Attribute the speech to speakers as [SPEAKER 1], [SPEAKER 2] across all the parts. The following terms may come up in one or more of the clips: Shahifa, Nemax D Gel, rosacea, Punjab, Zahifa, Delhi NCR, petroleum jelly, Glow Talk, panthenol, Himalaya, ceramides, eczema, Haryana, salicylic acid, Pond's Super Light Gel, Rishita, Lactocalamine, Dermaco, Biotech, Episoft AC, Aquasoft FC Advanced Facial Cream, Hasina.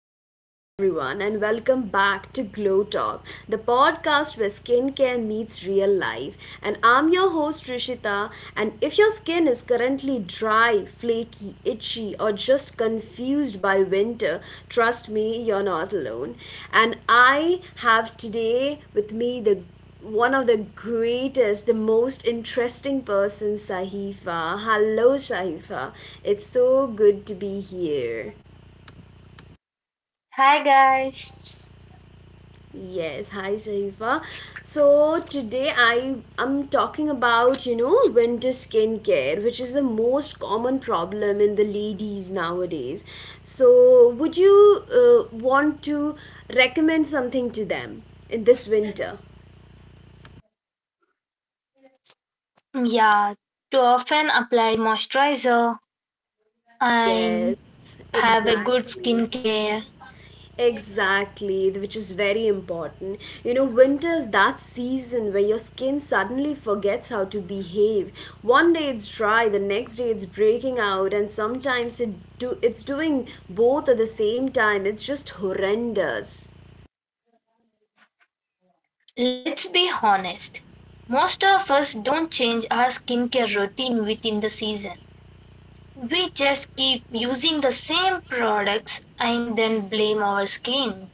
[SPEAKER 1] hello everyone and welcome back to Glow Talk, the podcast where skincare meets real life. And I'm your host Rishita. And if your skin is currently dry, flaky, itchy, or just confused by winter, trust me, you're not alone. And I have today with me the one of the greatest, the most interesting person, Sahifa. Hello, Sahifa. It's so good to be here.
[SPEAKER 2] Hi guys.
[SPEAKER 1] Yes, hi Sharifa. So today I am talking about winter skincare, which is the most common problem in the ladies nowadays. So would you want to recommend something to them in this winter?
[SPEAKER 2] Yeah, to often apply moisturizer and
[SPEAKER 1] Yes,
[SPEAKER 2] have a good
[SPEAKER 1] exactly.
[SPEAKER 2] skincare.
[SPEAKER 1] Exactly, which is very important. You know, winter is that season where your skin suddenly forgets how to behave. One day it's dry, the next day it's breaking out, and sometimes it's doing both at the same time. It's just horrendous.
[SPEAKER 2] Let's be honest. Most of us don't change our skincare routine within the season. We just keep using the same products and then blame our skin.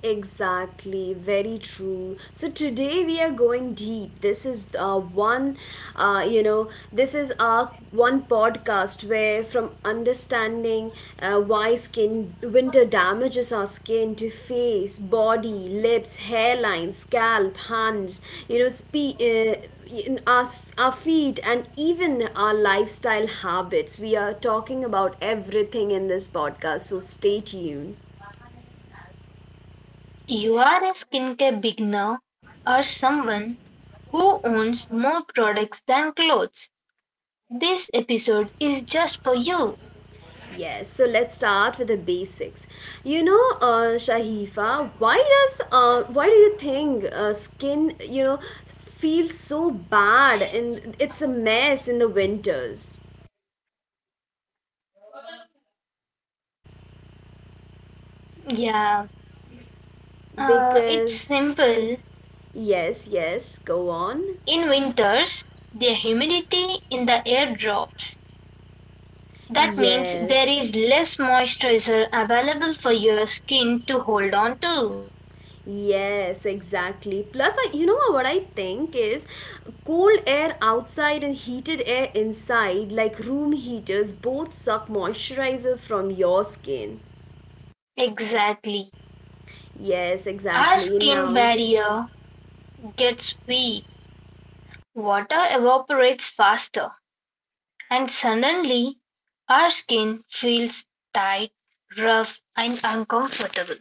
[SPEAKER 1] Exactly, very true. So today we are going deep. This is one, you know, this is our one podcast where from understanding why skin winter damages our skin to face, body, lips, hairline, scalp, hands, you know, spe- uh, in our feet and even our lifestyle habits. We are talking about everything in this podcast, so stay tuned.
[SPEAKER 2] You are a skincare beginner or someone who owns more products than clothes. This episode is just for you.
[SPEAKER 1] Yes, so let's start with the basics. You know, Shahifa, why do you think skin feels so bad and it's a mess in the winters?
[SPEAKER 2] Yeah, it's
[SPEAKER 1] Because
[SPEAKER 2] simple.
[SPEAKER 1] yes, yes, go on.
[SPEAKER 2] In winters, the humidity in the air drops. That means there
[SPEAKER 1] Yes.
[SPEAKER 2] is less moisturizer available for your skin to hold on to.
[SPEAKER 1] Yes, exactly. Plus, you know what I think is cold air outside and heated air inside, like room heaters, both suck moisturizer from your skin.
[SPEAKER 2] Exactly.
[SPEAKER 1] Yes,
[SPEAKER 2] Our
[SPEAKER 1] exactly.
[SPEAKER 2] skin
[SPEAKER 1] Now,
[SPEAKER 2] barrier gets weak. Water evaporates faster, and suddenly our skin feels tight, rough, and uncomfortable,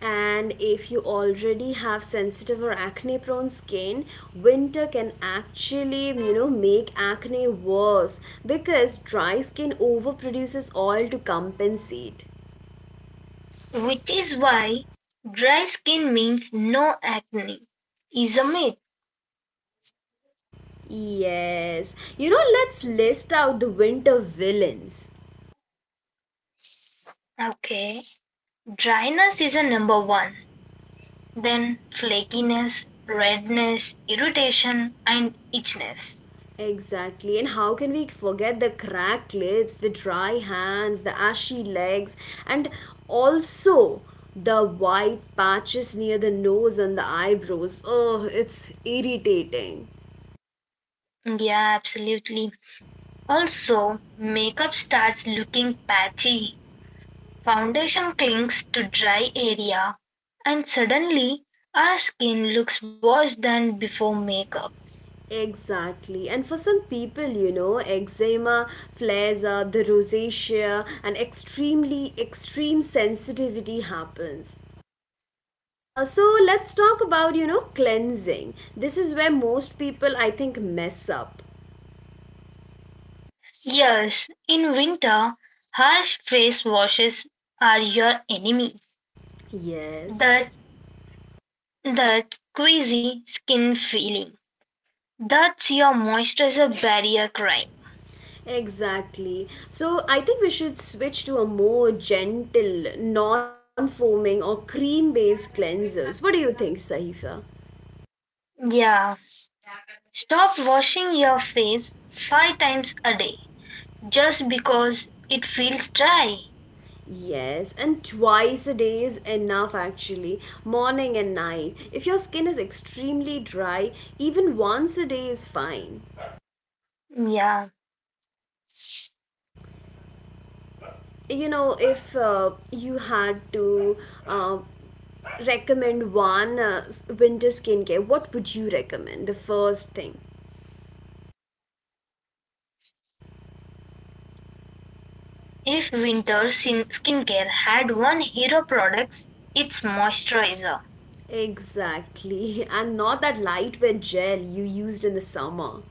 [SPEAKER 1] and if you already have sensitive or acne prone skin, winter can actually, make acne worse because dry skin overproduces oil to compensate.
[SPEAKER 2] which is why dry skin means no acne is a myth.
[SPEAKER 1] Yes. You know, let's list out the winter villains.
[SPEAKER 2] Okay, dryness is a number one, then flakiness, redness, irritation, and itchiness.
[SPEAKER 1] Exactly. And how can we forget the cracked lips, the dry hands, the ashy legs, and also the white patches near the nose and the eyebrows? Oh, it's irritating.
[SPEAKER 2] Yeah, absolutely. Also, makeup starts looking patchy, foundation clings to dry area, and suddenly our skin looks worse than before makeup.
[SPEAKER 1] Exactly. And for some people, you know, eczema flares up, the rosacea, and extremely extreme sensitivity happens. So let's talk about cleansing. This is where most people I think mess up.
[SPEAKER 2] Yes, in winter, harsh face washes are your enemy.
[SPEAKER 1] Yes,
[SPEAKER 2] That that queasy skin feeling. That's your moisturizer barrier crying.
[SPEAKER 1] exactly. So I think we should switch to a more gentle, non foaming, or cream based cleansers. What do you think, Sahifa?
[SPEAKER 2] Yeah. Stop washing your face five times a day just because it feels dry.
[SPEAKER 1] Yes, and twice a day is enough actually, morning and night. If your skin is extremely dry, even once a day is fine.
[SPEAKER 2] Yeah.
[SPEAKER 1] You know, if you had to uh, recommend one winter skincare, what would you recommend? The first thing.
[SPEAKER 2] If winter skincare had one hero product, it's moisturizer.
[SPEAKER 1] Exactly. And not that lightweight gel you used in the summer.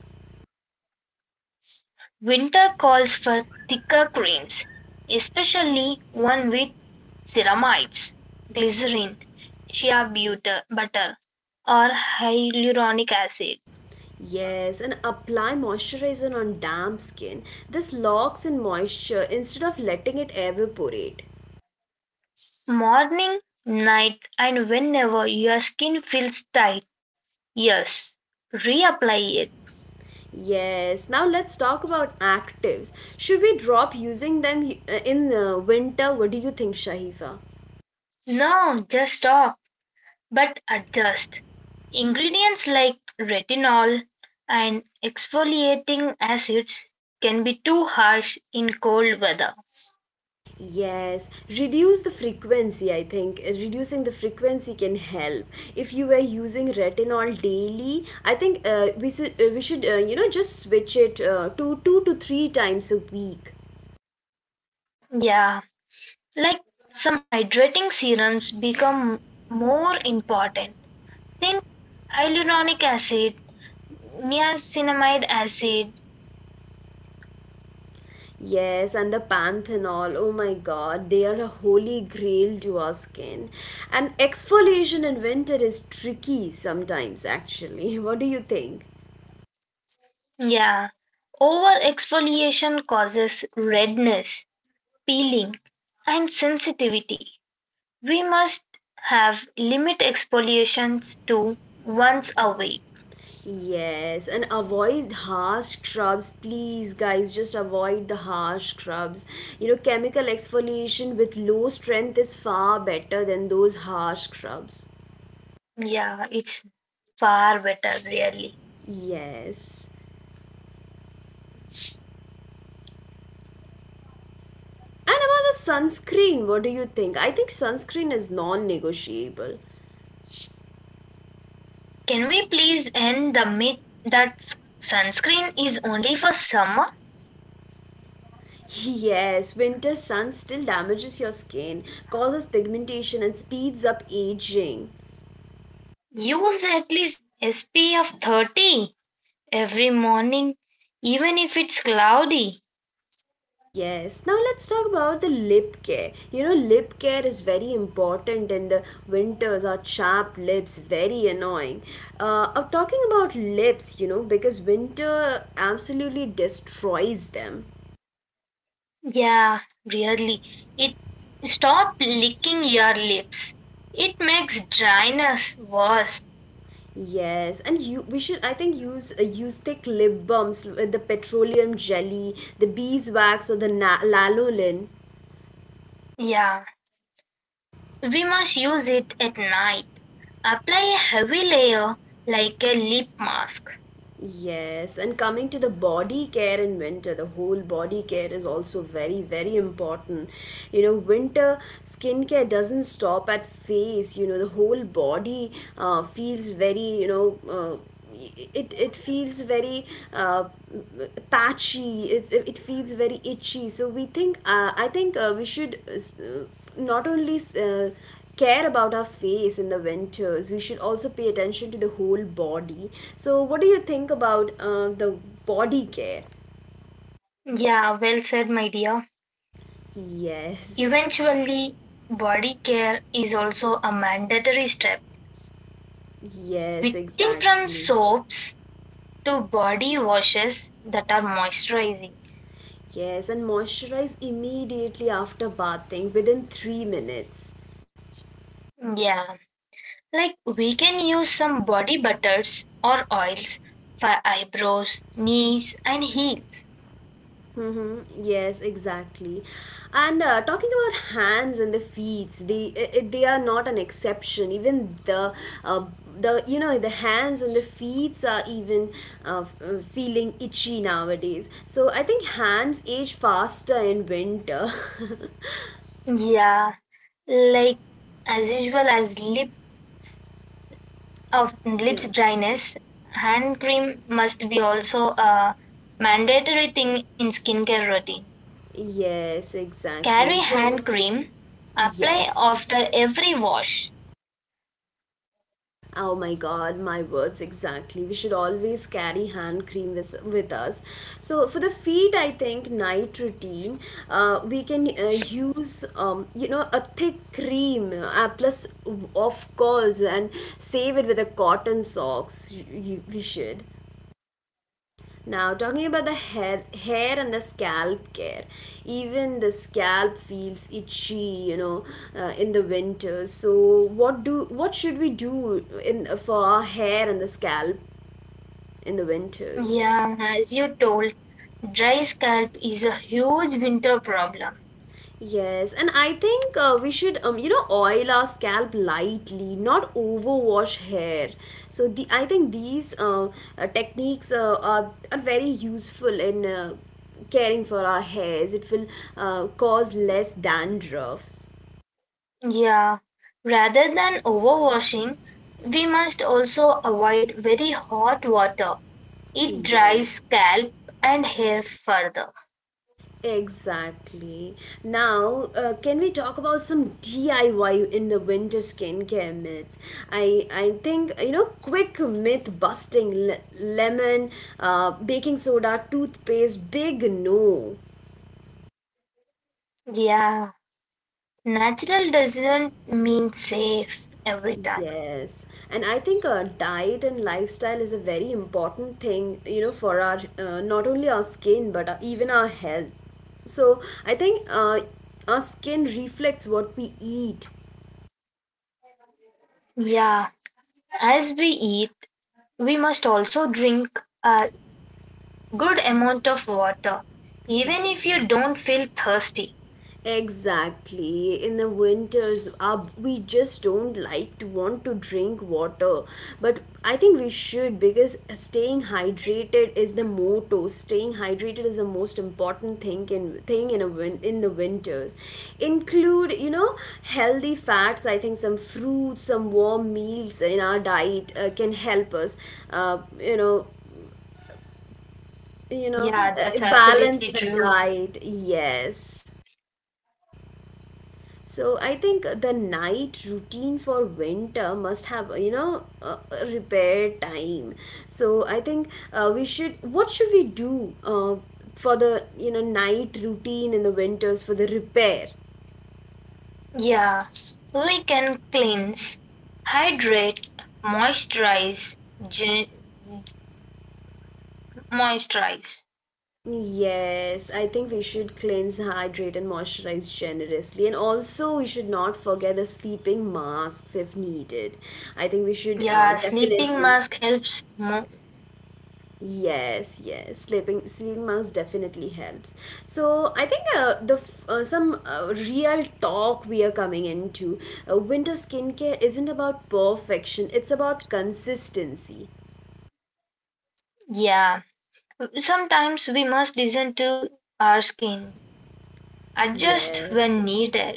[SPEAKER 2] Winter calls for thicker creams, especially one with ceramides, glycerin, shea butter or hyaluronic acid.
[SPEAKER 1] Yes, and apply moisturizer on damp skin. This locks in moisture instead of letting it evaporate.
[SPEAKER 2] Morning, night and whenever your skin feels tight, yes, reapply it.
[SPEAKER 1] Yes, now let's talk about actives. Should we drop using them in winter? What do you think, Shahifa?
[SPEAKER 2] No, just stop, but adjust. Ingredients like retinol and exfoliating acids can be too harsh in cold weather.
[SPEAKER 1] Yes, reduce the frequency. I think reducing the frequency can help. If you were using retinol daily, I think we should just switch it to two to three times a week.
[SPEAKER 2] Yeah, like some hydrating serums become more important. Think hyaluronic acid, niacinamide acid.
[SPEAKER 1] Yes, and the panthenol. Oh my God, they are a holy grail to our skin. And exfoliation in winter is tricky sometimes. Actually, what do you think?
[SPEAKER 2] Yeah, over exfoliation causes redness, peeling, and sensitivity. We must have limit exfoliations to once a week.
[SPEAKER 1] Yes, and avoid harsh scrubs. Please, guys, just avoid the harsh scrubs. You know, chemical exfoliation with low strength is far better than those harsh scrubs.
[SPEAKER 2] Yeah, it's far better, really.
[SPEAKER 1] Yes. And about the sunscreen, what do you think? I think sunscreen is non negotiable.
[SPEAKER 2] Can we please end the myth that sunscreen is only for summer?
[SPEAKER 1] Yes, winter sun still damages your skin, causes pigmentation, and speeds up aging.
[SPEAKER 2] Use at least SPF 30 every morning, even if it's cloudy.
[SPEAKER 1] Yes. Now let's talk about the lip care. You know, lip care is very important in the winters. Our chapped lips very annoying. I'm talking about lips. You know, because winter absolutely destroys them.
[SPEAKER 2] Yeah, really. It Stop licking your lips. It makes dryness worse.
[SPEAKER 1] Yes, and you we should I think use thick lip balms with the petroleum jelly, the beeswax or the lanolin.
[SPEAKER 2] Yeah, we must use it at night. Apply a heavy layer like a lip mask.
[SPEAKER 1] Yes, and coming to the body care in winter, the whole body care is also very, very important. You know, winter skincare doesn't stop at face. You know, the whole body feels very, it feels very uh, patchy. It feels very itchy. So I think we should not only care about our face in the winters, we should also pay attention to the whole body. So, what do you think about the body care?
[SPEAKER 2] Yeah, well said, my dear.
[SPEAKER 1] Yes,
[SPEAKER 2] Eventually, body care is also a mandatory step,
[SPEAKER 1] yes,
[SPEAKER 2] switching from
[SPEAKER 1] exactly.
[SPEAKER 2] soaps to body washes that are moisturizing.
[SPEAKER 1] Yes, and moisturize immediately after bathing within 3 minutes.
[SPEAKER 2] Yeah. Like we can use some body butters or oils for eyebrows, knees and heels.
[SPEAKER 1] Mm-hmm. Yes, exactly. And talking about hands and the feet, they are not an exception. Even the uh, the you know the hands and the feet are even feeling itchy nowadays. So I think hands age faster in winter.
[SPEAKER 2] Yeah, like as usual as lip of
[SPEAKER 1] Yeah.
[SPEAKER 2] lips dryness, hand cream must be also a mandatory thing in skincare routine.
[SPEAKER 1] Yes, exactly.
[SPEAKER 2] Carry
[SPEAKER 1] So
[SPEAKER 2] hand cream, apply
[SPEAKER 1] yes.
[SPEAKER 2] after every wash.
[SPEAKER 1] Oh my God, my words exactly. We should always carry hand cream with us. So, for the feet, I think night routine, we can use, a thick cream, plus, of course, and save it with a cotton socks. We should. Now, talking about the hair and the scalp care, even the scalp feels itchy, in the winter. So, what should we do in for our hair and the scalp in the winters?
[SPEAKER 2] Yeah, as you told, dry scalp is a huge winter problem.
[SPEAKER 1] Yes, and I think we should, oil our scalp lightly, not overwash hair. So the I think these techniques are very useful in caring for our hairs. It will cause less dandruffs.
[SPEAKER 2] Yeah, rather than overwashing, we must also avoid very hot water. It
[SPEAKER 1] Yeah.
[SPEAKER 2] dries scalp and hair further.
[SPEAKER 1] Exactly. Now, can we talk about some DIY in the winter skincare myths? I think quick myth busting lemon, baking soda, toothpaste, big no.
[SPEAKER 2] Yeah, natural doesn't mean safe every time.
[SPEAKER 1] Yes, and I think diet and lifestyle is a very important thing, for our not only our skin but even our health. So I think our skin reflects what we eat.
[SPEAKER 2] Yeah, as we eat, we must also drink a good amount of water, even if you
[SPEAKER 1] Yes.
[SPEAKER 2] don't feel thirsty.
[SPEAKER 1] Exactly. In the winters, we just don't like to want to drink water. But I think we should because staying hydrated is the motto. Staying hydrated is the most important thing in the winters. Include healthy fats. I think some fruits, some warm meals in our diet can help us. Uh, you know
[SPEAKER 2] Yeah, that's
[SPEAKER 1] Balance
[SPEAKER 2] absolutely
[SPEAKER 1] the
[SPEAKER 2] true.
[SPEAKER 1] diet. Yes. So I think the night routine for winter must have a repair time. So I think we should what should we do for the night routine in the winters for the repair?
[SPEAKER 2] Yeah, we can cleanse, hydrate, moisturize, gen- moisturize.
[SPEAKER 1] Yes, I think we should cleanse, hydrate, and moisturize generously. And also, we should not forget the sleeping masks if needed. I think we should
[SPEAKER 2] Yeah, sleeping
[SPEAKER 1] definitely.
[SPEAKER 2] mask helps.
[SPEAKER 1] Yes, yes, sleeping mask definitely helps. So I think some real talk we are coming into winter skincare isn't about perfection; it's about consistency.
[SPEAKER 2] Yeah, sometimes we must listen to our skin, adjust
[SPEAKER 1] Yes.
[SPEAKER 2] when needed.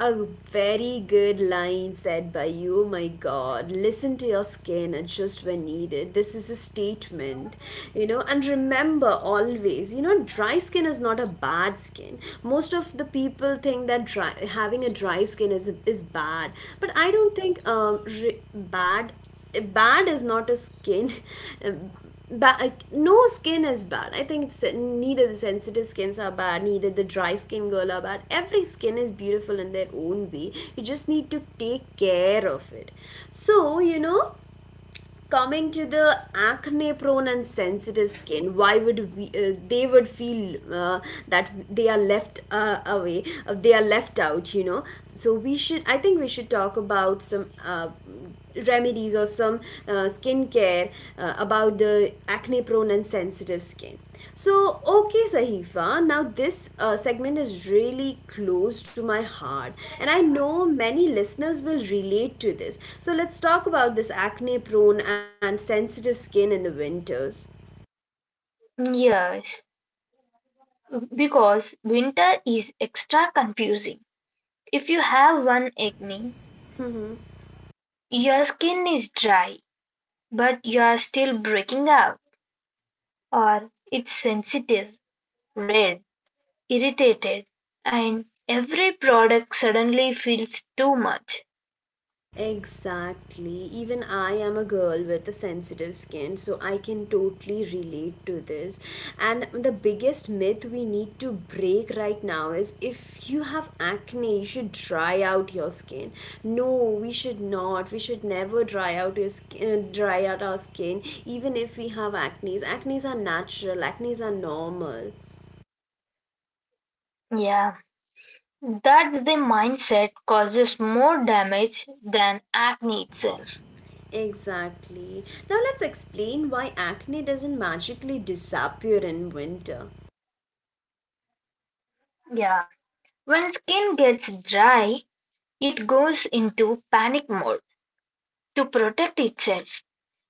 [SPEAKER 1] A very good line said by you, my God. Listen to your skin adjust when needed. This is a statement. And remember always, dry skin is not a bad skin. Most of the people think that dry, having a dry skin is bad, but I don't think bad is not a skin. Like, no skin is bad. I think it's, neither the sensitive skins are bad, neither the dry skin girl are bad. Every skin is beautiful in their own way. You just need to take care of it. So, coming to the acne prone and sensitive skin, why would we they would feel that they are left away they are left out. So we should I think we should talk about some remedies or some skincare about the acne prone and sensitive skin. So, okay, Sahifa, now this segment is really close to my heart, and I know many listeners will relate to this. So, let's talk about this acne prone and sensitive skin in the winters.
[SPEAKER 2] Yes, because winter is extra confusing. If you have one acne, your skin is dry, but you are still breaking out, or it's sensitive, red irritated, and every product suddenly feels too much.
[SPEAKER 1] Exactly. Even I am a girl with a sensitive skin, so I can totally relate to this. And the biggest myth we need to break right now is if you have acne, you should dry out your skin. No, we should not. We should never dry out our skin, even if we have acne. Acnes are natural. Acnes are normal.
[SPEAKER 2] Yeah, that's the mindset causes more damage than acne itself.
[SPEAKER 1] Exactly. Now let's explain why acne doesn't magically disappear in winter.
[SPEAKER 2] Yeah, when skin gets dry, it goes into panic mode to protect itself.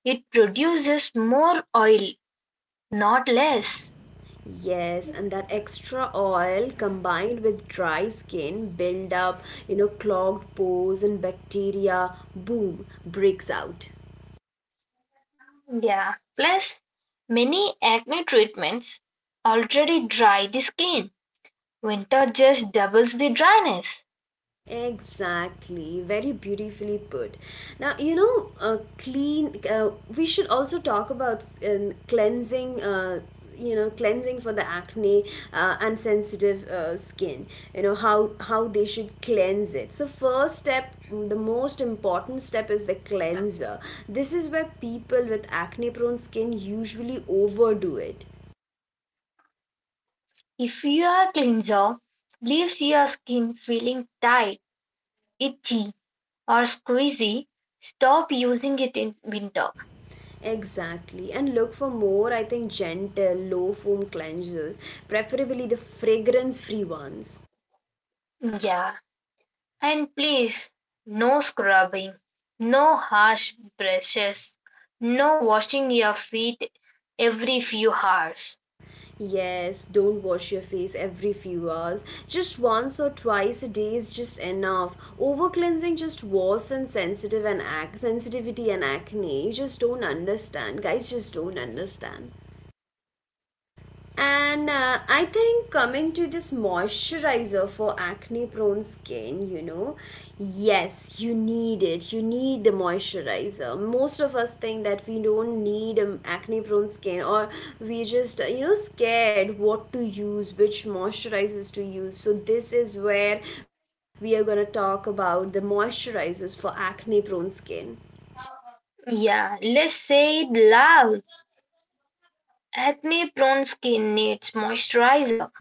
[SPEAKER 2] It produces more oil, not less.
[SPEAKER 1] Yes, and that extra oil combined with dry skin build up, clogged pores and bacteria, boom, breaks out.
[SPEAKER 2] Yeah, plus many acne treatments already dry the skin. Winter just doubles the dryness.
[SPEAKER 1] Exactly, very beautifully put. Now, we should also talk about cleansing. You know, cleansing for the acne and sensitive skin, you know, how they should cleanse it. So first step, the most important step is the cleanser. This is where people with acne prone skin usually overdo it.
[SPEAKER 2] If your cleanser leaves your skin feeling tight, itchy, or squeezy, stop using it in winter.
[SPEAKER 1] Exactly, and look for more, I think, gentle, low foam cleansers, preferably the fragrance free ones.
[SPEAKER 2] Yeah, and please, no scrubbing, no harsh brushes, no washing your feet every few hours.
[SPEAKER 1] Yes, don't wash your face every few hours. Just once or twice a day is just enough. Over cleansing just worsens sensitive and sensitivity and acne. You just don't understand. Guys just don't understand. And I think coming to this moisturizer for acne prone skin, you know, yes, you need it. You need the moisturizer. Most of us think that we don't need acne prone skin, or you know, scared what to use, which moisturizers to use. So, this is where we are going to talk about the moisturizers for acne prone skin.
[SPEAKER 2] Yeah, let's say it loud. Acne prone skin needs moisturizer.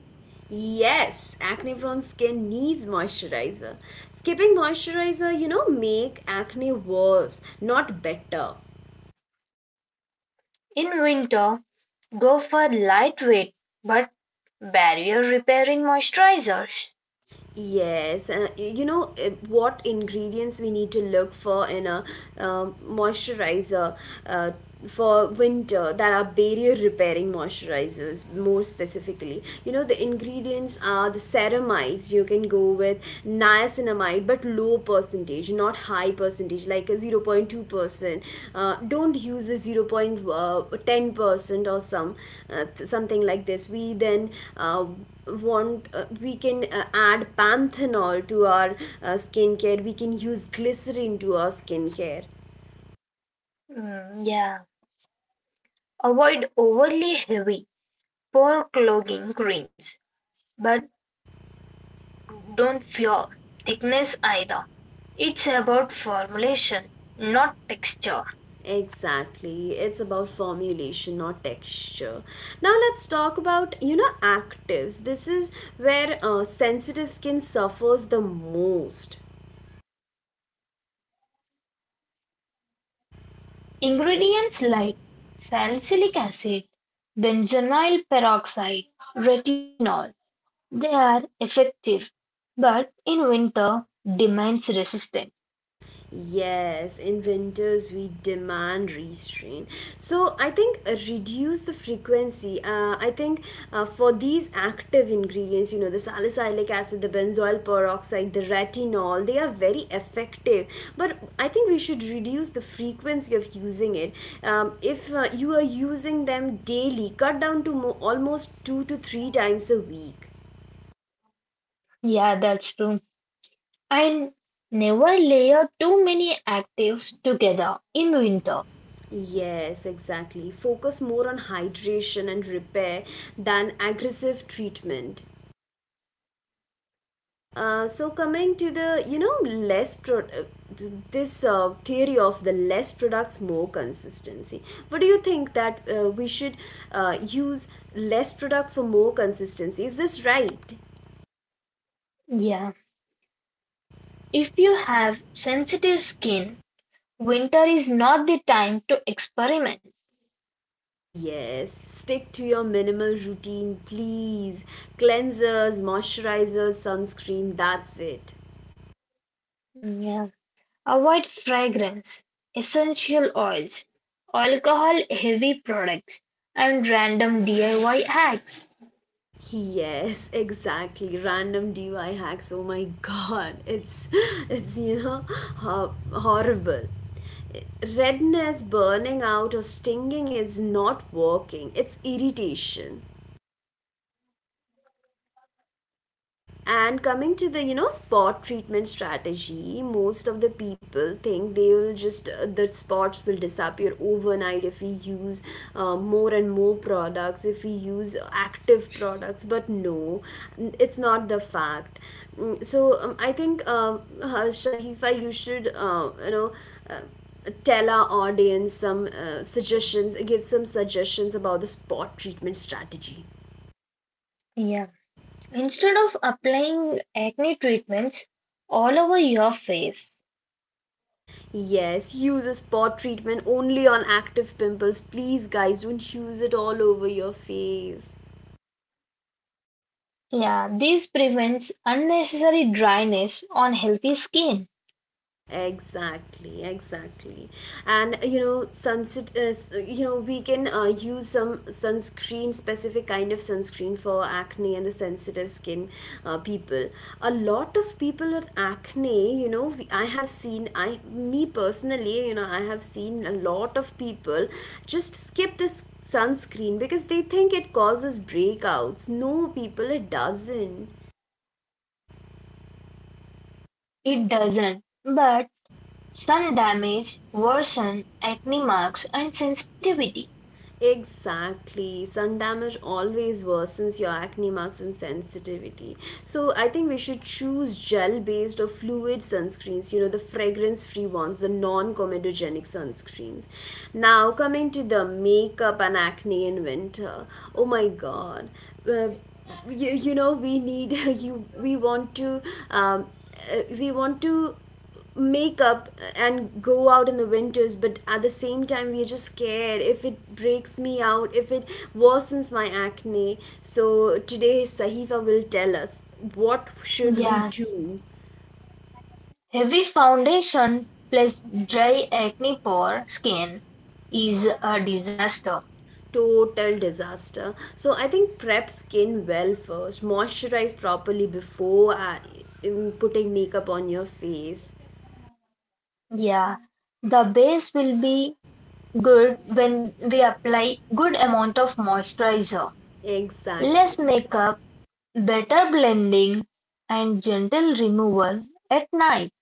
[SPEAKER 1] Yes, acne prone skin needs moisturizer. Skipping moisturizer, you know, make acne worse, not better.
[SPEAKER 2] In winter, go for lightweight but barrier repairing moisturizers.
[SPEAKER 1] Yes, you know, what ingredients we need to look for in a moisturizer uh, for winter that are barrier repairing moisturizers more specifically. You know, the ingredients are the ceramides. You can go with niacinamide but low percentage, not high percentage, like a 0.2%. Don't use a 0.10% or some something like this. We then want we can add panthenol to our skincare. We can use glycerin to our skincare.
[SPEAKER 2] Mm, yeah. Avoid overly heavy, pore clogging creams, but don't fear thickness either. It's about formulation, not texture.
[SPEAKER 1] Exactly, it's about formulation, not texture. Now let's talk about, you know, actives. This is where sensitive skin suffers the most.
[SPEAKER 2] Ingredients like salicylic acid, benzoyl peroxide, retinol, they are effective, but in winter, demands resistance.
[SPEAKER 1] Yes, in winters we demand restraint. So I think reduce the frequency. I think for these active ingredients, you know, the salicylic acid, the benzoyl peroxide, the retinol, they are very effective. But I think we should reduce the frequency of using it. If you are using them daily, cut down to almost 2 to 3 times a week.
[SPEAKER 2] Yeah, that's true. And never layer too many actives together in winter.
[SPEAKER 1] Yes, exactly. Focus more on hydration and repair than aggressive treatment. So coming to the, you know, less pro- th- this theory of the less products more consistency, what do you think that we should use less product for more consistency? Is this right?
[SPEAKER 2] Yeah. If you have sensitive skin, winter is not the time to experiment.
[SPEAKER 1] Yes, stick to your minimal routine, please. Cleansers, moisturizers, sunscreen, that's it.
[SPEAKER 2] Yeah. Avoid fragrance, essential oils, alcohol heavy products, and random DIY hacks.
[SPEAKER 1] Yes, exactly. Random DIY hacks. Oh my god. It's you know horrible. Redness, burning out or stinging is not working. It's irritation. And coming to the, you know, spot treatment strategy, most of the people think they will just, the spots will disappear overnight if we use more and more products, if we use active products. But no, it's not the fact. Mm, so I think Shahifa, you should you know. Uh, Tell our audience some suggestions, give some suggestions about the spot treatment strategy.
[SPEAKER 2] Yeah. Instead of applying acne treatments all over your face.
[SPEAKER 1] Yes, use a spot treatment only on active pimples. Please, guys, don't use it all over your face.
[SPEAKER 2] Yeah, this prevents unnecessary dryness on healthy skin.
[SPEAKER 1] Exactly, exactly. And you know, sunset is, you know, we can use some sunscreen, specific kind of sunscreen for acne and the sensitive skin people. A lot of people with acne, you know, I have seen, me personally, you know, I have seen a lot of people just skip this sunscreen because they think it causes breakouts. No, people, it doesn't.
[SPEAKER 2] It doesn't, but sun damage worsen acne marks and sensitivity.
[SPEAKER 1] Exactly. Sun damage always worsens your acne marks and sensitivity. So I think we should choose gel based or fluid sunscreens, you know, the fragrance free ones, the non comedogenic sunscreens. Now, coming to the makeup and acne in winter. Oh my god. Uh, you know, we need, um, we want to makeup and go out in the winters, but at the same time we're just scared if it breaks me out, if it worsens my acne. So today Sahifa will tell us what should we
[SPEAKER 2] Yeah,
[SPEAKER 1] do.
[SPEAKER 2] heavy foundation plus dry acne-prone skin is a disaster.
[SPEAKER 1] Total disaster. So I think prep skin well first, moisturize properly before putting makeup on your face.
[SPEAKER 2] Yeah, the base will be good when we apply good amount of moisturizer,
[SPEAKER 1] Exactly.
[SPEAKER 2] less makeup, better blending, and gentle removal at night.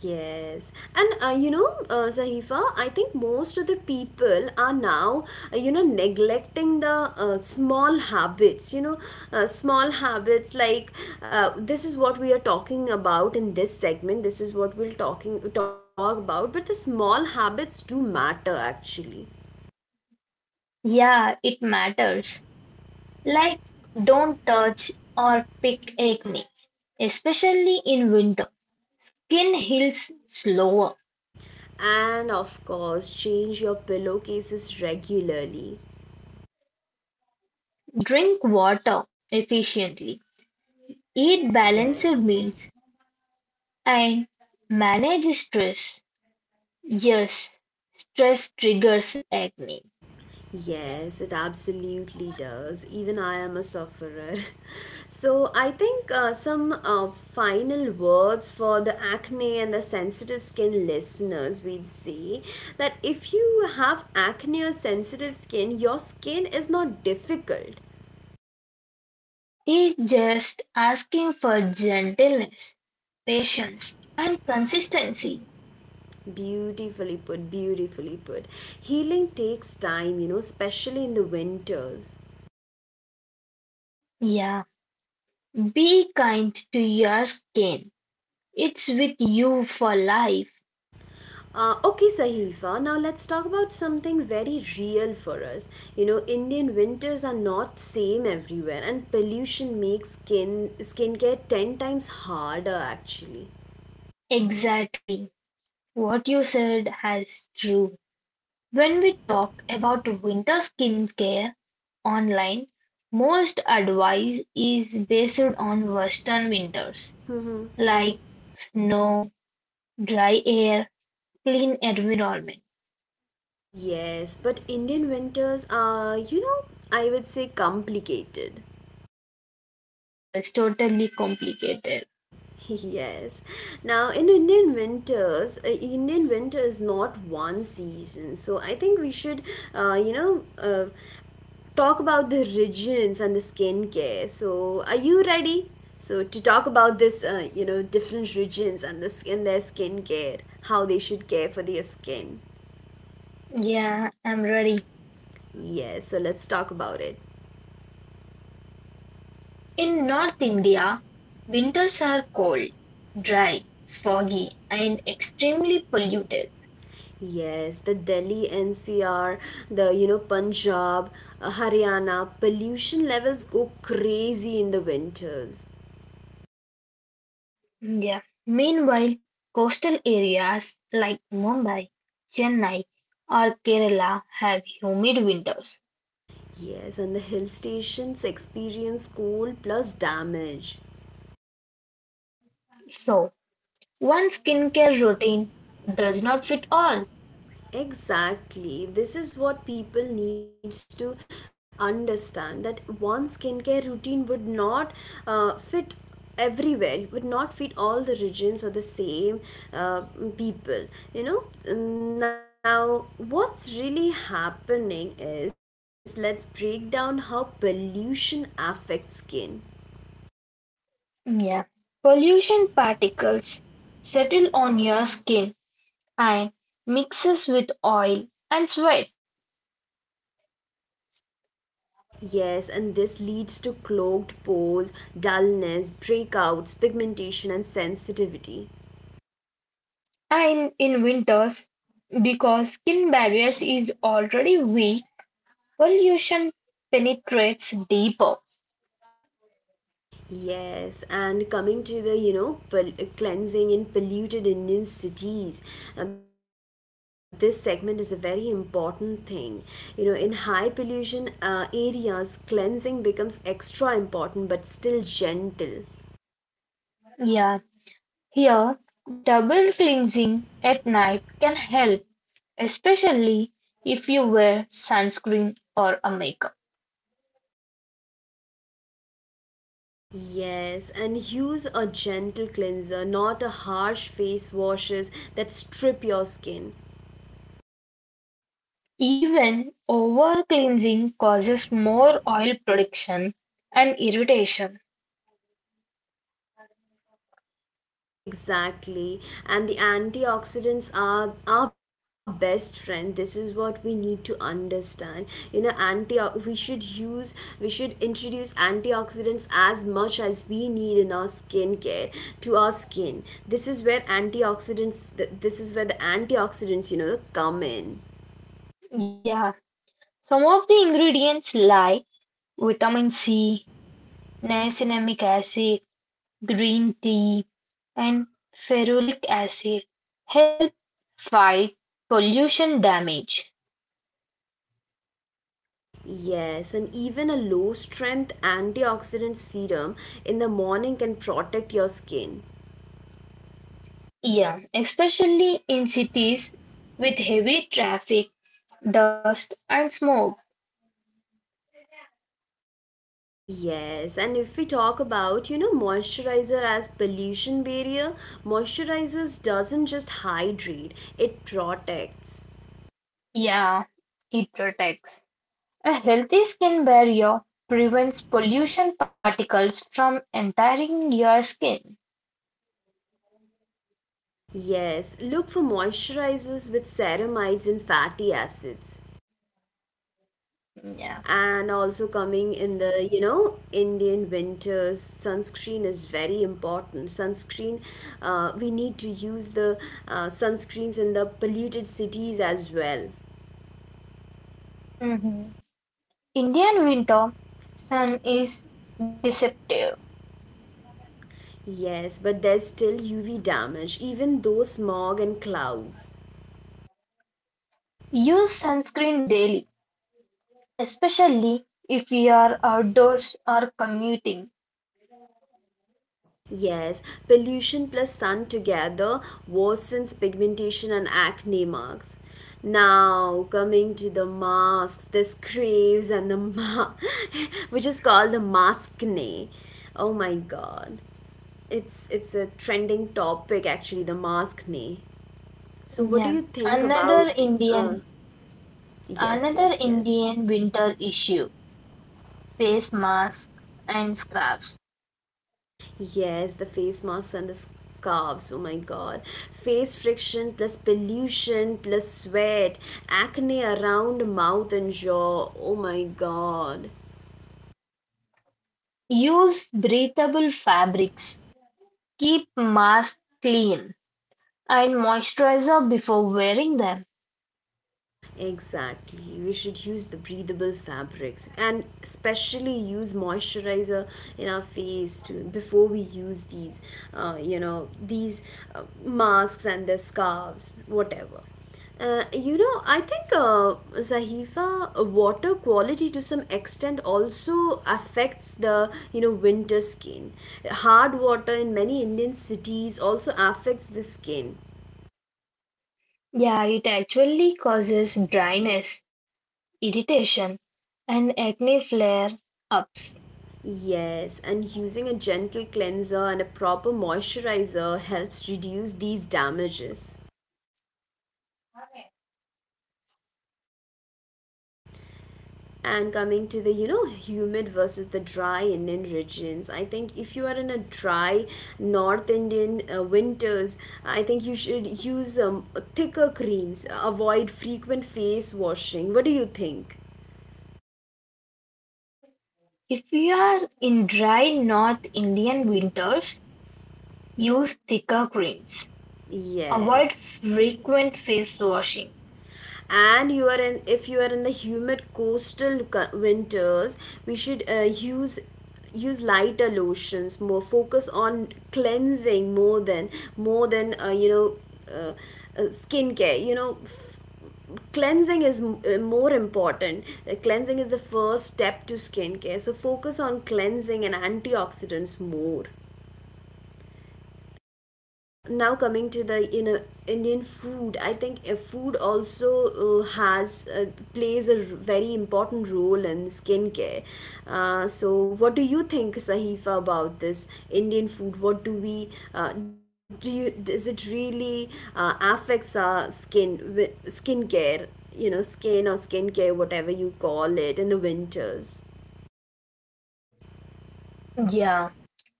[SPEAKER 1] Yes, and you know, Zahifa, I think most of the people are now, you know, neglecting the small habits, you know, small habits like this is what we are talking about in this segment, this is what we'll talk about, but the small habits do matter actually.
[SPEAKER 2] Yeah, it matters. Like don't touch or pick acne, especially in winter. Skin heals slower.
[SPEAKER 1] And of course, change your pillowcases regularly.
[SPEAKER 2] Drink water efficiently. Eat balanced
[SPEAKER 1] Yes.
[SPEAKER 2] meals and manage stress. Yes, stress triggers acne.
[SPEAKER 1] Yes, it absolutely does. Even I am a sufferer. So I think some final words for the acne and the sensitive skin listeners we'd say that if you have acne or sensitive skin, your skin is not difficult.
[SPEAKER 2] It's just asking for gentleness, patience, and consistency.
[SPEAKER 1] Beautifully put, beautifully put. Healing takes time, you know, especially in the winters.
[SPEAKER 2] Yeah, be kind to your skin. It's with you for life.
[SPEAKER 1] Okay, Sahifa. Now let's talk about something very real for us. You know, Indian winters are not same everywhere, and pollution makes skincare 10 times harder. Actually,
[SPEAKER 2] Exactly. What you said has true. When we talk about winter skincare online, most advice is based on western winters
[SPEAKER 1] mm-hmm.
[SPEAKER 2] like snow, dry air, clean environment.
[SPEAKER 1] Yes, but Indian winters are, you know, I would say complicated.
[SPEAKER 2] Yeah, it's totally complicated.
[SPEAKER 1] Yes. Now, in Indian winters, Indian winter is not one season. So I think we should, you know, talk about the regions and the skincare. So, are you ready? So, to talk about this, you know, different regions and the skin, their skincare, how they should care for their skin.
[SPEAKER 2] Yeah, I'm ready.
[SPEAKER 1] Yes, so let's talk about it.
[SPEAKER 2] In North India, winters are cold, dry, foggy, and extremely polluted.
[SPEAKER 1] Yes, the Delhi NCR, the you know Punjab, Haryana, pollution levels go crazy in the winters.
[SPEAKER 2] Yeah. Meanwhile, coastal areas like Mumbai, Chennai, or Kerala have humid winters.
[SPEAKER 1] Yes, and the hill stations experience cold plus damage.
[SPEAKER 2] So, one skincare routine does not fit all.
[SPEAKER 1] Exactly. This is what people needs to understand, that one skincare routine would not fit everywhere. It would not fit all the regions or the same uh, people. You know. Now, what's really happening is let's break down how pollution affects skin.
[SPEAKER 2] Yeah. Pollution particles settle on your skin and mixes with oil and sweat.
[SPEAKER 1] Yes, and this leads to clogged pores, dullness, breakouts, pigmentation, and sensitivity.
[SPEAKER 2] And in winters, because skin barriers is already weak, pollution penetrates deeper.
[SPEAKER 1] Yes, and coming to the, you know, cleansing in polluted Indian cities, this segment is a very important thing. You know, in high pollution areas, cleansing becomes extra important, but still gentle.
[SPEAKER 2] Yeah, here, double cleansing at night can help, especially if you wear sunscreen or a makeup.
[SPEAKER 1] Yes, and use a gentle cleanser, not a harsh face washes that strip your skin.
[SPEAKER 2] Even over-cleansing causes more oil production and irritation.
[SPEAKER 1] Exactly. And the antioxidants are our best friend. This is what we need to understand. You know, anti we should use we should introduce antioxidants as much as we need in our skincare to our skin. This is where the antioxidants, you know, come in.
[SPEAKER 2] Yeah, some of the ingredients like vitamin C, niacinamic acid, green tea, and ferulic acid help fight pollution damage.
[SPEAKER 1] Yes, and even a low strength antioxidant serum in the morning can protect your skin.
[SPEAKER 2] Yeah, especially in cities with heavy traffic, dust, and smoke.
[SPEAKER 1] Yes, and if we talk about, you know, moisturizer as pollution barrier, moisturizers doesn't just hydrate, it protects.
[SPEAKER 2] Yeah, it protects. A healthy skin barrier prevents pollution particles from entering your skin.
[SPEAKER 1] Yes, look for moisturizers with ceramides and fatty acids.
[SPEAKER 2] Yeah.
[SPEAKER 1] And also coming in the, you know, Indian winters, sunscreen is very important. Sunscreen, we need to use the sunscreens in the polluted cities as well.
[SPEAKER 2] hmm Indian winter sun is deceptive.
[SPEAKER 1] Yes, but there's still UV damage, even though smog and clouds.
[SPEAKER 2] Use sunscreen daily, especially if you are outdoors or commuting.
[SPEAKER 1] Yes, pollution plus sun together worsens pigmentation and acne marks. Now, coming to the masks, this craves and the which is called the maskne. Oh my god. It's a trending topic actually, the maskne. So what do
[SPEAKER 2] Yeah.
[SPEAKER 1] you think
[SPEAKER 2] Another
[SPEAKER 1] about uh,
[SPEAKER 2] Indian
[SPEAKER 1] yes,
[SPEAKER 2] Another
[SPEAKER 1] yes, yes.
[SPEAKER 2] Indian winter issue, face masks and scarves.
[SPEAKER 1] Yes, the face masks and the scarves. Oh my god. Face friction plus pollution plus sweat. Acne around mouth and jaw. Oh my god.
[SPEAKER 2] Use breathable fabrics. Keep masks clean and moisturizer before wearing them.
[SPEAKER 1] Exactly. We should use the breathable fabrics, and especially use moisturizer in our face to before we use these, you know, these masks and the scarves, whatever. You know, I think Zahifa, water quality to some extent also affects the you know winter skin. Hard water in many Indian cities also affects the skin.
[SPEAKER 2] Yeah, it actually causes dryness, irritation, and acne flare ups.
[SPEAKER 1] Yes, and using a gentle cleanser and a proper moisturizer helps reduce these damages. And coming to the, you know, humid versus the dry Indian regions, I think if you are in a dry North Indian winters, I think you should use thicker creams, avoid frequent face washing. What do you think?
[SPEAKER 2] If you are in dry North Indian winters, use thicker creams. Avoid
[SPEAKER 1] Yes.
[SPEAKER 2] frequent face washing.
[SPEAKER 1] And you are in, if you are in the humid coastal winters, we should use use lighter lotions. More focus on cleansing, more than you know, skincare, you know, cleansing is more important. Cleansing is the first step to skincare, so focus on cleansing and antioxidants more. Now coming to the, you know, Indian food, I think food also has plays a very important role in skincare. So, what do you think, Sahifa, about this Indian food? What do we do? Does it really affects our skin skincare? You know, skin or skincare, whatever you call it, in the winters.
[SPEAKER 2] Yeah,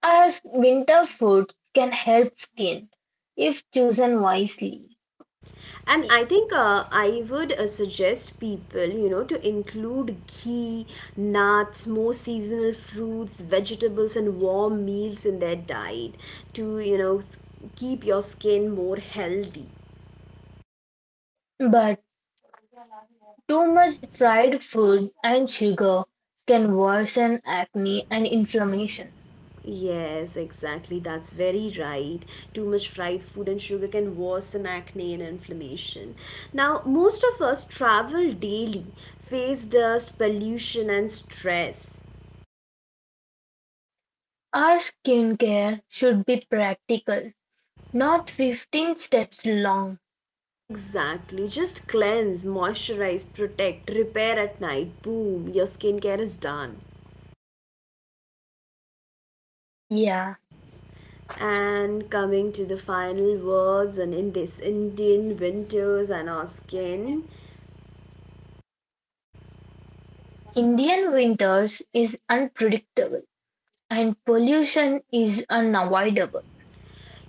[SPEAKER 2] Our winter food can help skin if chosen wisely,
[SPEAKER 1] And
[SPEAKER 2] I-
[SPEAKER 1] I think I would suggest people, you know, to include ghee, nuts, more seasonal fruits, vegetables, and warm meals in their diet to, you know, keep your skin more healthy.
[SPEAKER 2] but too much fried food and sugar can worsen acne and inflammation.
[SPEAKER 1] Yes, exactly. That's very right. Too much fried food and sugar can worsen acne and inflammation. Now, most of us travel daily, face dust, pollution, and stress.
[SPEAKER 2] Our skincare should be practical, not 15 steps long.
[SPEAKER 1] Exactly. Just cleanse, moisturize, protect, repair at night. Boom, your skincare is done.
[SPEAKER 2] Yeah,
[SPEAKER 1] And coming to the final words, and in this Indian winters and our skin,
[SPEAKER 2] Indian winters is unpredictable and pollution is unavoidable.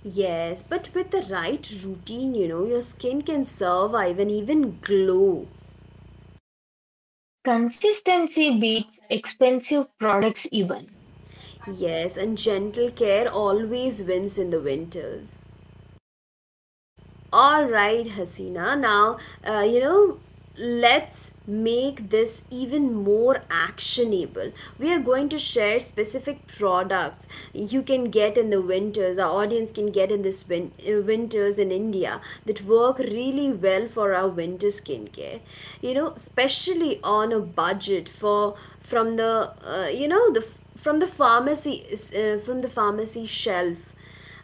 [SPEAKER 1] yes, but with the right routine, your skin can survive and even glow.
[SPEAKER 2] Consistency beats expensive products even.
[SPEAKER 1] Yes, and gentle care always wins in the winters. All right, Hasina. Now, uh, you know, let's make this even more actionable. We are going to share specific products you can get in the winters, our audience can get in this winters in India that work really well for our winter skincare. You know, especially on a budget for from the pharmacy shelf.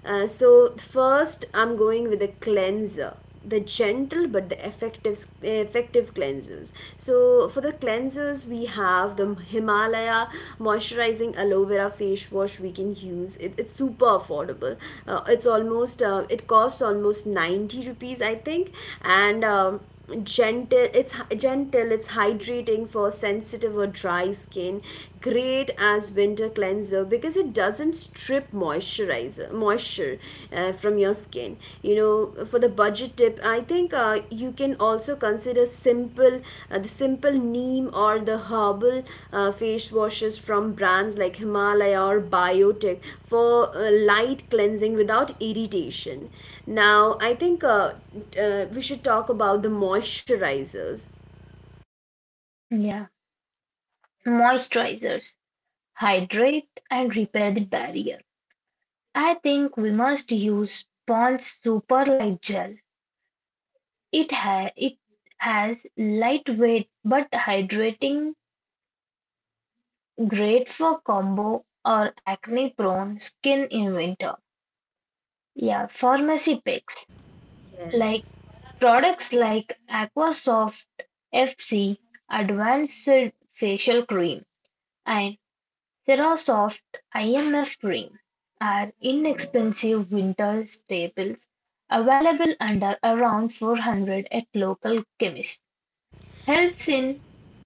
[SPEAKER 1] So first, I'm going with a cleanser, the gentle but the effective cleansers. So for the cleansers we have the Himalaya moisturizing aloe vera face wash. We can use it, it's super affordable. It's almost, it costs almost 90 rupees, I think, and gentle, it's hydrating for sensitive or dry skin. Great as winter cleanser because it doesn't strip moisturizer moisture from your skin. You know, for the budget tip I think, you can also consider simple, the simple neem or the herbal face washes from brands like Himalaya or Biotech for light cleansing without irritation. Now, I think, we should talk about the moisturizers.
[SPEAKER 2] Yeah, moisturizers. Hydrate and repair the barrier. I think we must use Pond's Super Light Gel. It has lightweight but hydrating, great for combo or acne prone skin in winter. Yeah, pharmacy picks like
[SPEAKER 1] Yes.
[SPEAKER 2] products like Aquasoft FC Advanced Facial Cream and Cerosoft IMF Green are inexpensive winter staples available under around 400 at local chemists. Helps in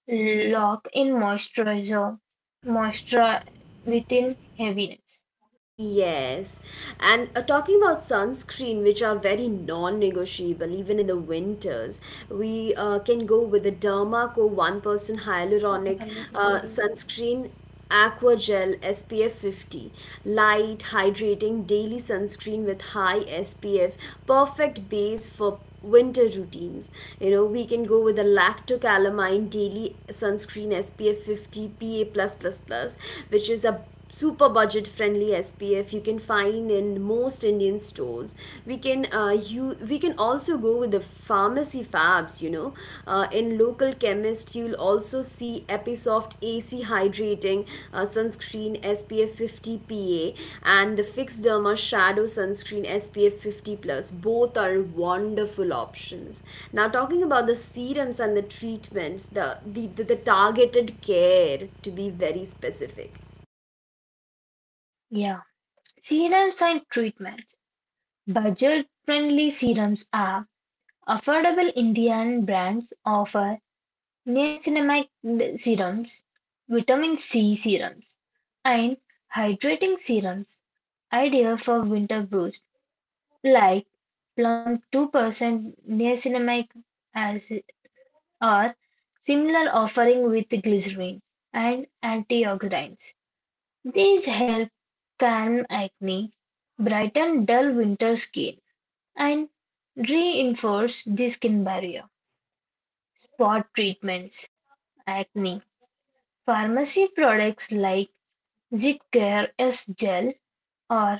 [SPEAKER 2] lock in moisturizer moisture within heaviness.
[SPEAKER 1] Yes. And, talking about sunscreen, which are very non-negotiable, even in the winters, we can go with the Dermaco 1% Hyaluronic Sunscreen Aqua Gel SPF 50. Light, hydrating, daily sunscreen with high SPF. Perfect base for winter routines. You know, we can go with a Lactocalamine daily sunscreen SPF 50 PA+++ plus plus plus, which is a super budget friendly SPF. You can find in most Indian stores. We can you we can also go with the pharmacy fabs, you know. In local chemists list, you'll also see Episoft AC Hydrating Sunscreen SPF 50 PA and the Fix Derma Shadow Sunscreen SPF 50 Plus. Both are wonderful options. Now, talking about the serums and the treatments, the targeted care to be very specific.
[SPEAKER 2] Yeah. Serums and treatments. Budget friendly serums are affordable Indian brands offer niacinamide serums, vitamin C serums, and hydrating serums, ideal for winter boosts like Plum 2% niacinamide acid or similar offering with glycerin and antioxidants. These help calm acne, brighten dull winter skin, and reinforce the skin barrier. Spot treatments, acne. Pharmacy products like Zitcare S gel or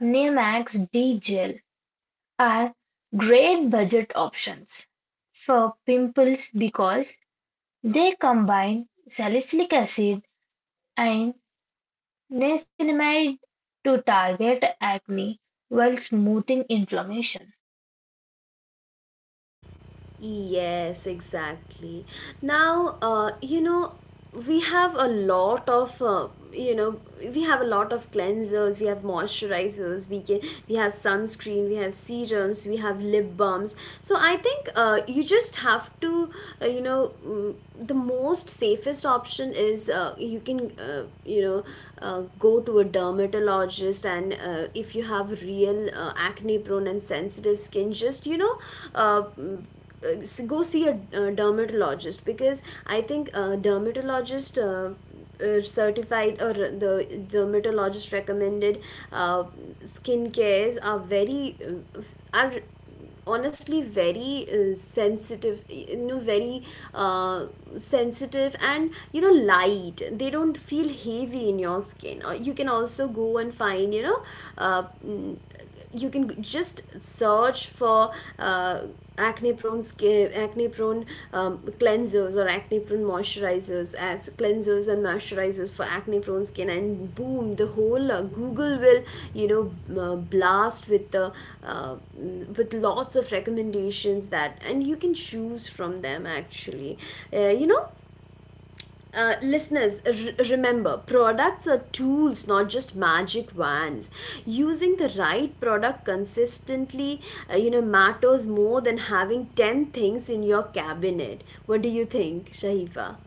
[SPEAKER 2] Nemax D Gel are great budget options for pimples because they combine salicylic acid and niacinamide to target acne while smoothing inflammation.
[SPEAKER 1] Yes, exactly. Now, we have a lot of uh, you know we have a lot of cleansers. We have moisturizers. We can we have sunscreen. We have serums. We have lip balms. So I think, you just have to the most safest option is, you can go to a dermatologist. And if you have real acne prone and sensitive skin, just, uh, mm, uh, go see a dermatologist, because I think dermatologist certified or the dermatologist recommended uh, skin cares are very, are honestly very, sensitive, you know, very uh, sensitive, and, you know, light. They don't feel heavy in your skin, or you can also go and find, you know, uh, mm, you can just search for uh, acne prone cleansers, or acne prone moisturizers, as cleansers and moisturizers for acne prone skin. And boom, the whole Google will, you know, blast with the with lots of recommendations that, and you can choose from them, actually. You know, listeners, remember, products are tools, not just magic wands. Using the right product consistently, matters more than having 10 things in your cabinet. What do you think, Shahifa?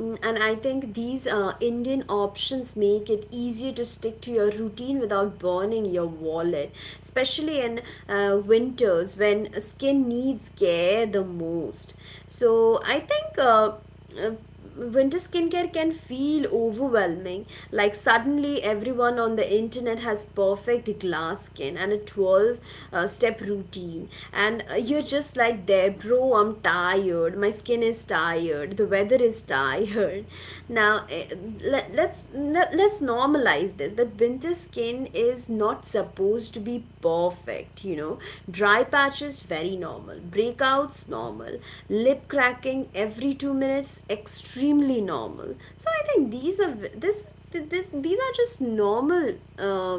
[SPEAKER 1] And I think these Indian options make it easier to stick to your routine without burning your wallet, especially in winters when skin needs care the most. So I think uh, winter skincare can feel overwhelming. Like suddenly everyone on the internet has perfect glass skin and a 12 step routine, and you just like, there, bro, I'm tired. My skin is tired. The weather is tired. Now, let's normalize this. That winter skin is not supposed to be perfect. You know, dry patches, very normal. Breakouts, normal. Lip cracking every 2 minutes, extremely normal. So I think these are these are just normal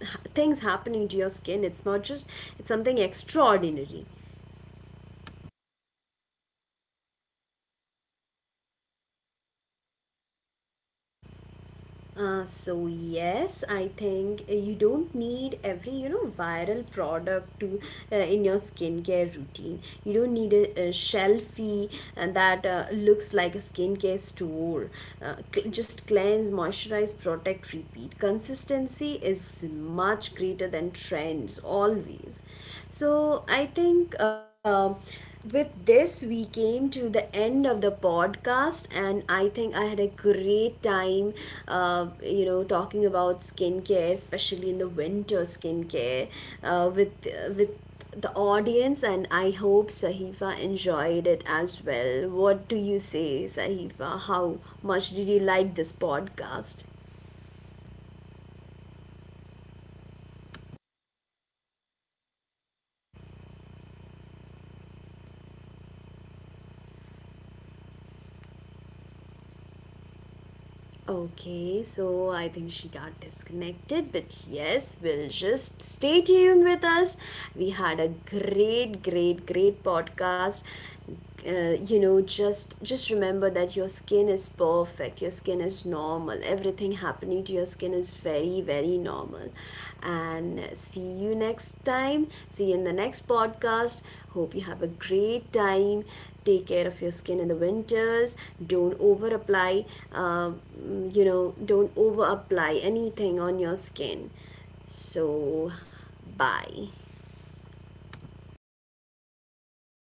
[SPEAKER 1] h- things happening to your skin. It's not just, it's something extraordinary. So yes, I think you don't need every, you know, viral product to in your skincare routine. You don't need a shelfie that looks like a skincare store. Just cleanse, moisturize, protect, repeat. Consistency is much greater than trends, always. So I think, with this, we came to the end of the podcast, and I think I had a great time, you know, talking about skincare, especially in the winter skincare, with with the audience. And I hope Sahifa enjoyed it as well. What do you say, Sahifa? How much did you like this podcast? Okay, so I think she got disconnected, but yes, we'll just stay tuned with us. We had a great, great, great podcast. You know, just remember that your skin is perfect. Your skin is normal. Everything happening to your skin is very, very normal. And see you next time. See you in the next podcast. Hope you have a great time, take care of your skin in the winters. Don't over apply, um, you know, don't over apply anything on your skin. So bye.